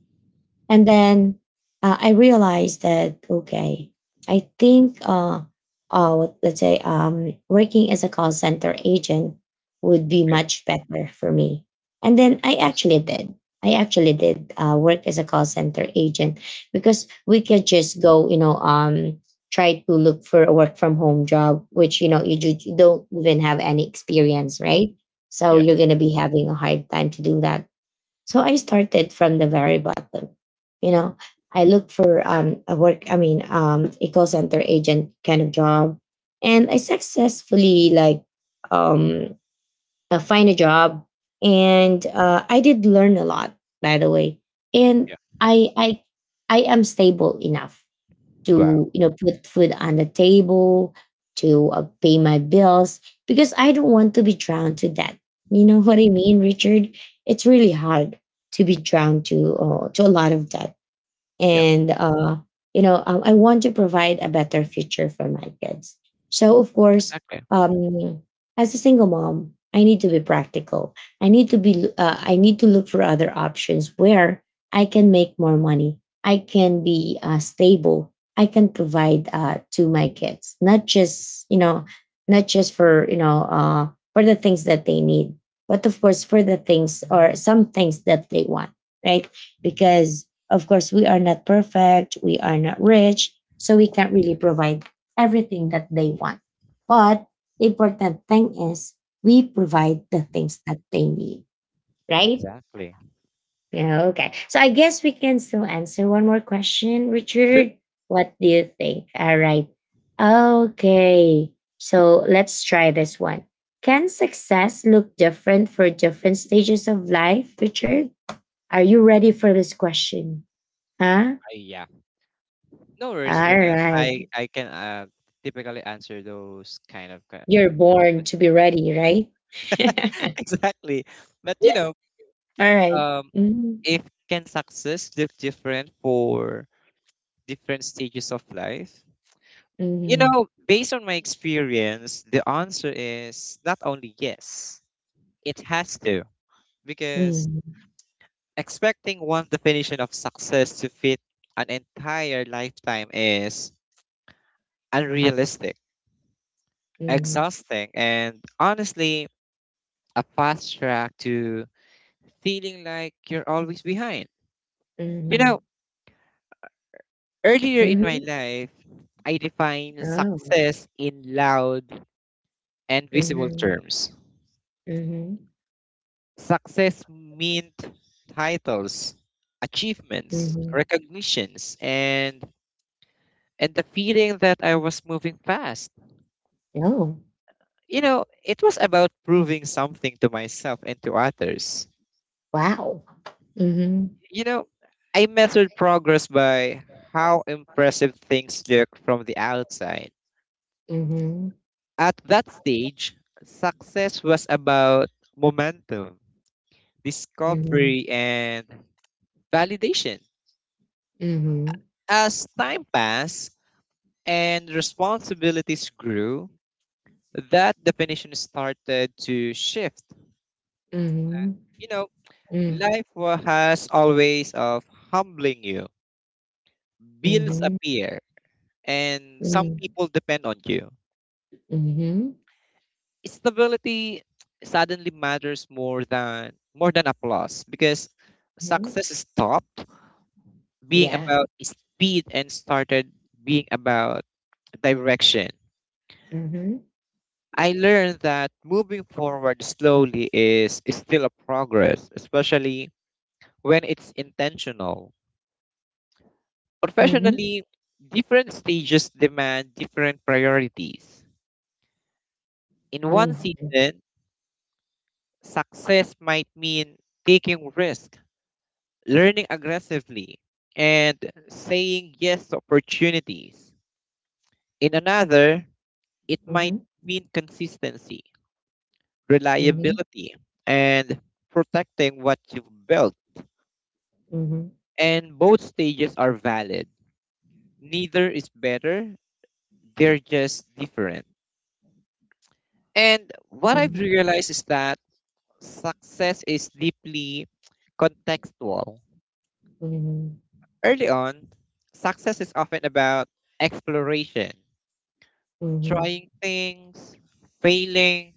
A: And then I realized that, okay, I think let's say working as a call center agent would be
B: Yeah.
A: much better for me. And then I
B: Yes.
A: actually did. I actually did work as a call center agent, because we could just go, you know, try to look for a work from home job, which you know, you don't even have any experience, right? So you're
B: Yes.
A: gonna be having a hard time to do that. So I started from the very bottom. You know, I looked for a work, I mean, a call center agent kind of job. And I successfully, like, um find a job. And I did learn a lot, by the way. And
B: Yeah.
A: I I I am stable enough
B: Wow.
A: to, you know, put food on the table, to pay my bills, because I don't want to be drowned to debt, you know, [laughs] what I mean, Richard. It's really hard to be drowned to a lot of debt.
B: Yeah.
A: And you know, I want to provide a better future for my kids. So of course,
B: Exactly.
A: um, as a single mom, I need to be practical. I need to be I need to look for other options where I can make more money, I can be stable, I can provide to my kids, not just, you know, not just for, you know, for the things that they need, but of course for the things, or some things, that they want, right? Because of course, we are not perfect, we are not
B: Yeah.
A: rich, so we can't really provide everything that they want. But the important thing is we provide the things that they need, right?
B: Exactly.
A: Yeah, okay. So I guess we can still answer one more question,
B: Sure.
A: Richard. What do you think? All right. Okay, so let's try this one. Can success look different for different stages of life, Richard? Are you ready for this question? Huh?
B: I, yeah, no worries for
A: All
B: that.
A: right.
B: I can typically answer those kind of que-
A: You're born to be
B: [laughs]
A: ready, right? [laughs]
B: exactly, but
A: All right.
B: um,
A: Mhm,
B: if can success look different for different stages of life?
A: mhm,
B: Based on my experience, the answer is not only yes, it has to. Because
A: mhm,
B: expecting one definition of success to fit an entire lifetime is unrealistic,
A: mhm,
B: exhausting, and honestly, a fast track to feeling like you're always behind. You
A: mhm,
B: know, earlier in my
A: mhm.
B: life, I define
A: Oh.
B: success in loud and visible
A: Mhm,
B: terms.
A: mhm,
B: Success meant titles, achievements,
A: mhm.
B: recognitions, and the feeling that I was moving fast.
A: Oh,
B: It was about proving something to myself and to others.
A: wow. Mhm,
B: You know, I measured progress by how impressive things look from the outside.
A: mhm,
B: At that stage, success was about momentum,
A: mhm,
B: discovery, and validation.
A: mhm,
B: As time passed, and responsibilities grew, that definition started to shift.
A: mhm,
B: You know,
A: mhm,
B: life has always of humbling you. Bills
A: mhm,
B: appear, and some
A: mhm,
B: people depend on you.
A: mhm,
B: Stability suddenly matters more than applause because
A: mhm.
B: success stopped being
A: Yeah.
B: about speed and started being about direction.
A: Mhm,
B: I learned that moving forward slowly is still a progress, especially when it's intentional.
A: mhm,
B: Professionally, different stages demand different priorities. In one
A: mhm,
B: season, success might mean taking risk, learning aggressively, and saying yes to opportunities. In another, it might
A: mhm,
B: mean consistency,
A: mhm,
B: reliability, and protecting what you've built,
A: mhm,
B: and both stages are valid. Neither is better, they're just different. And what I've
A: mhm,
B: realized is that success is deeply contextual.
A: mhm,
B: Early on, success is often about exploration,
A: mhm.
B: trying things, failing,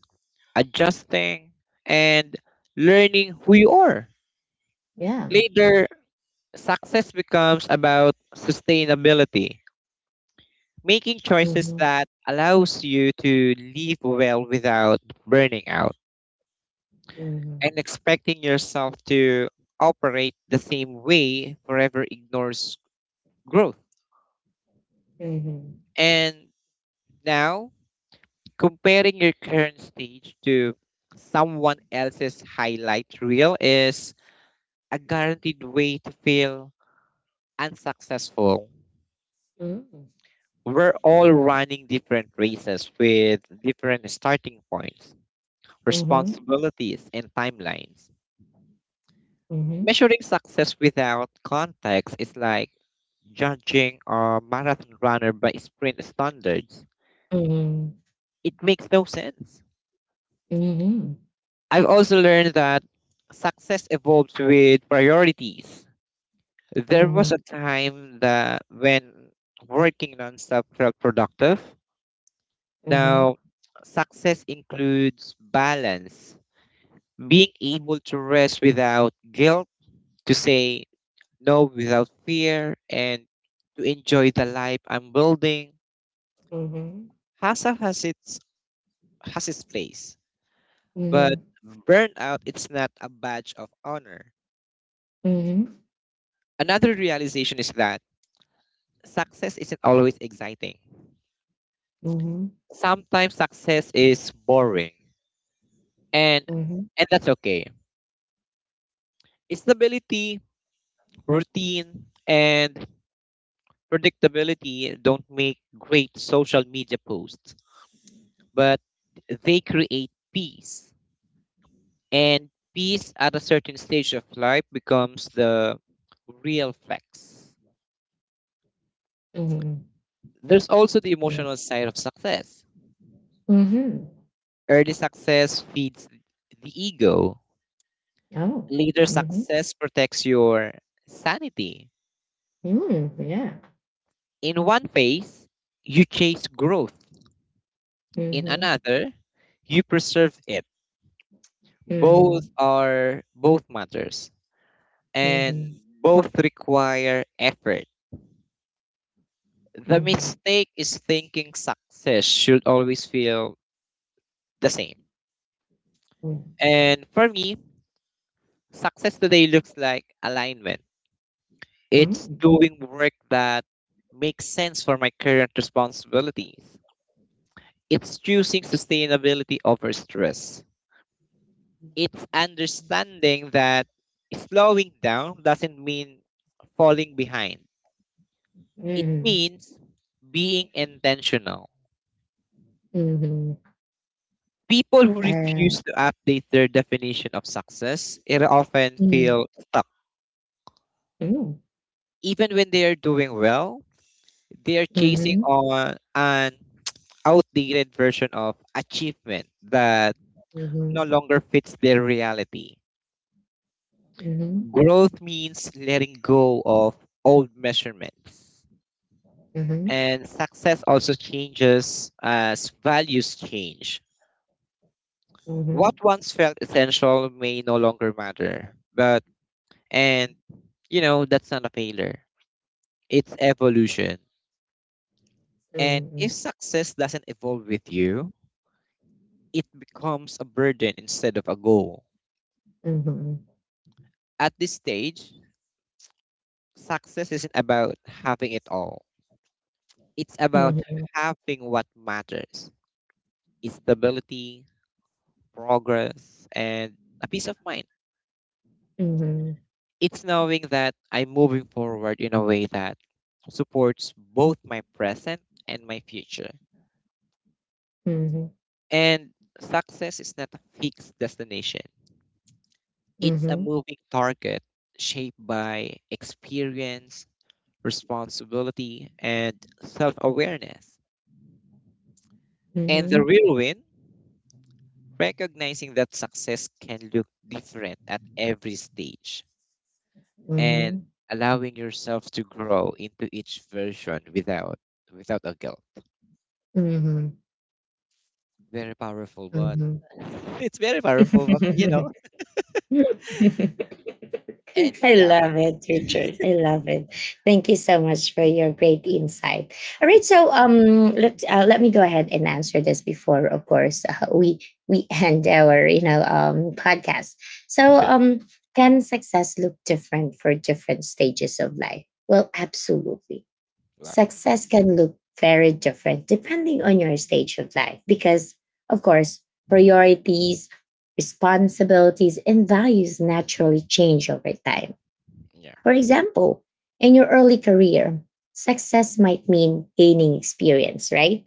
B: adjusting, and learning who you are.
A: Yeah.
B: Later, success becomes about sustainability, making choices
A: Mhm,
B: that allows you to live well without burning out,
A: mhm,
B: and expecting yourself to operate the same way forever ignores growth.
A: mhm.
B: And now, comparing your current stage to someone else's highlight reel is a guaranteed way to feel unsuccessful.
A: Mm.
B: We're all running different races with different starting points,
A: Mhm,
B: responsibilities and timelines.
A: mhm,
B: Measuring success without context is like judging a marathon runner by sprint standards.
A: mhm,
B: It makes no sense.
A: mhm,
B: I've also learned that success evolves with priorities. There was a
A: mhm,
B: time that when working nonstop felt productive.
A: mhm,
B: Now, success includes balance, being able to rest without guilt, to say know without fear, and to enjoy the life I'm building.
A: mhm,
B: Hustle has its place, but
A: mhm,
B: burnout it's not a badge of honor.
A: mhm,
B: Another realization is that success isn't always exciting.
A: mhm,
B: Sometimes success is boring, and and that's okay. Stability, routine, and predictability don't make great social media posts, but they create peace. And peace at a certain stage of life becomes the real flex.
A: mhm, mhm.
B: There's also the emotional side of success. Early success feeds the ego, later, success protects your sanity.
A: Yeah.
B: In one phase, you chase growth,
A: Mhm.
B: in
A: Oh. Mhm.
B: another, you preserve it.
A: Mm. Yeah. Mhm,
B: Both
A: mhm,
B: are both matters, and
A: mhm,
B: both require effort.
A: mhm,
B: The
A: mhm.
B: mistake is thinking success should always feel the same. And for me, success today looks like alignment. It's
A: Mm.
B: doing work that makes sense for my current responsibilities. It's choosing sustainability over stress. It's understanding that slowing down doesn't mean falling behind. It means being intentional.
A: Mhm, mhm.
B: People who
A: Uh,
B: refuse to update their definition of success it often
A: mm,
B: feel stuck,
A: mm,
B: even when they are doing well. They're chasing
A: mhm,
B: on an outdated version of achievement that
A: mhm.
B: no longer fits their reality.
A: Mhm.
B: Growth means letting go of old measurements.
A: Mhm.
B: And success also changes as values change. What
A: Mhm.
B: once felt essential may no longer matter. And, that's not a failure, it's evolution. And if
A: Mhm.
B: success doesn't evolve with you, it becomes a burden instead of a goal.
A: Mhm.
B: At this stage, success isn't about having it all. It's about having what matters. It's stability, progress, and a peace of mind.
A: Mhm.
B: It's knowing that I'm moving forward in a way that supports both my present and my future.
A: Mhm.
B: And success is not a fixed destination. It's a
A: Mhm.
B: moving target shaped by experience, responsibility, and self awareness. And the
A: Mhm.
B: real win, recognizing that success can look different at every stage,
A: Mhm.
B: and
A: Mhm.
B: allowing yourself to grow into each version without a guilt.
A: Mhm.
B: Very powerful, but
A: Mhm.
B: [laughs] it's very powerful, but
A: [laughs] [laughs] I
B: and yeah.
A: love it, Richard. I love it. Thank you so much for your great insight. All right, so let let me go ahead and answer this before, of course, we [laughs] end our, you know, podcast. So
B: Sure.
A: can success look different for different stages of life? Well, absolutely,
B: Yeah.
A: success can look very different depending on your stage of life, because, of course, priorities, responsibilities, and values naturally change over time.
B: Yeah.
A: For example, in your early career, success might mean gaining experience, right?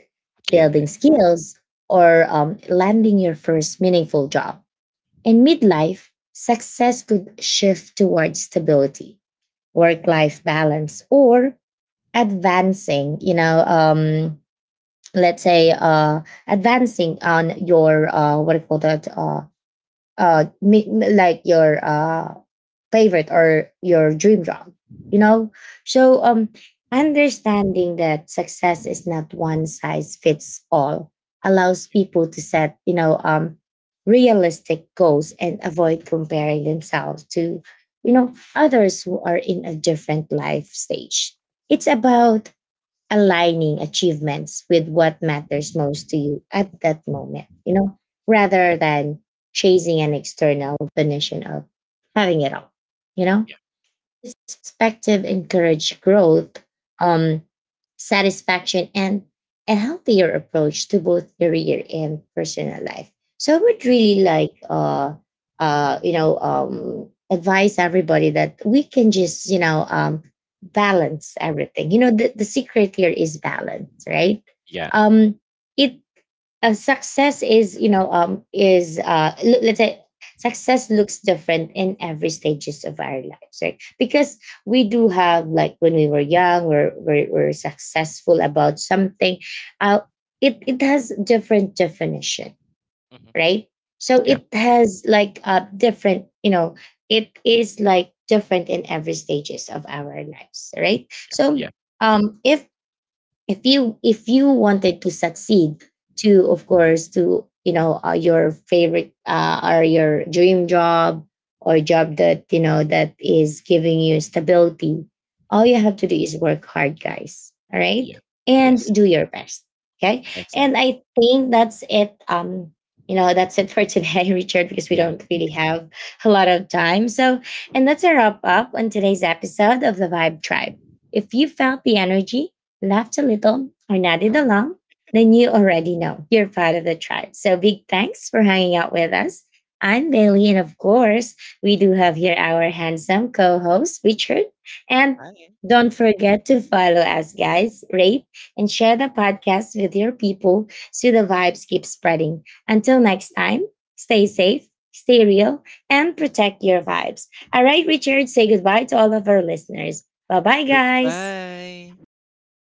B: Yeah. Yeah.
A: Building skills, or landing your first meaningful job. In midlife, success could shift towards stability, work life balance, or advancing, you know, let's say, advancing on your, what do you call that, like your, favorite or your dream job, you know. So understanding that success is not one size fits all allows people to set, you know, realistic goals and avoid comparing themselves to, you know, others who are in a different life stage. It's about aligning achievements with what matters most to you at that moment, you know, rather than chasing an external definition of having it all, you know?
B: Yeah.
A: Perspective encourage growth, um, satisfaction, and a healthier approach to both career and personal life. So I would
B: Yeah.
A: really like, you know, advise everybody that we can just, you know, balance everything. You know, the secret here is balance, right?
B: Yeah. Yeah.
A: Um, it success is, you know, is let's say, success looks different in every stages of our lives, right? Because we do have, like, when we were young, we're successful about something. uh it it has different definition,
B: Mhm.
A: right? So
B: Yeah.
A: it has like a different, you know, it is like different in every stages of our lives, right?
B: Yeah.
A: So if if you wanted to succeed to, of course, to, you know, your favorite, or your dream job, or job that you know that is giving you stability, all
B: Mhm.
A: you have to do is work hard, guys, all
B: Yeah.
A: right? And
B: Yes.
A: do your best, okay? And
B: Exactly.
A: I think that's it. You know, that's it for today, [laughs] Richard, because we
B: Yeah.
A: don't really have a lot of time. So, and that's a wrap up on today's episode of The Vibe Tribe. If you felt the energy, laughed a little, or nodded along, then you already know you're part of the tribe. So big thanks for hanging out with us. I'm Bailey, and of course, we do have here our handsome co host, Richard. And
B: Bye.
A: don't forget to follow us, guys, rate, and share the podcast with your people, so the vibes keep spreading. Until next time, stay safe, stay real, and protect your vibes. All right, Richard, say goodbye to all of our listeners. Bye bye, guys.
B: Goodbye.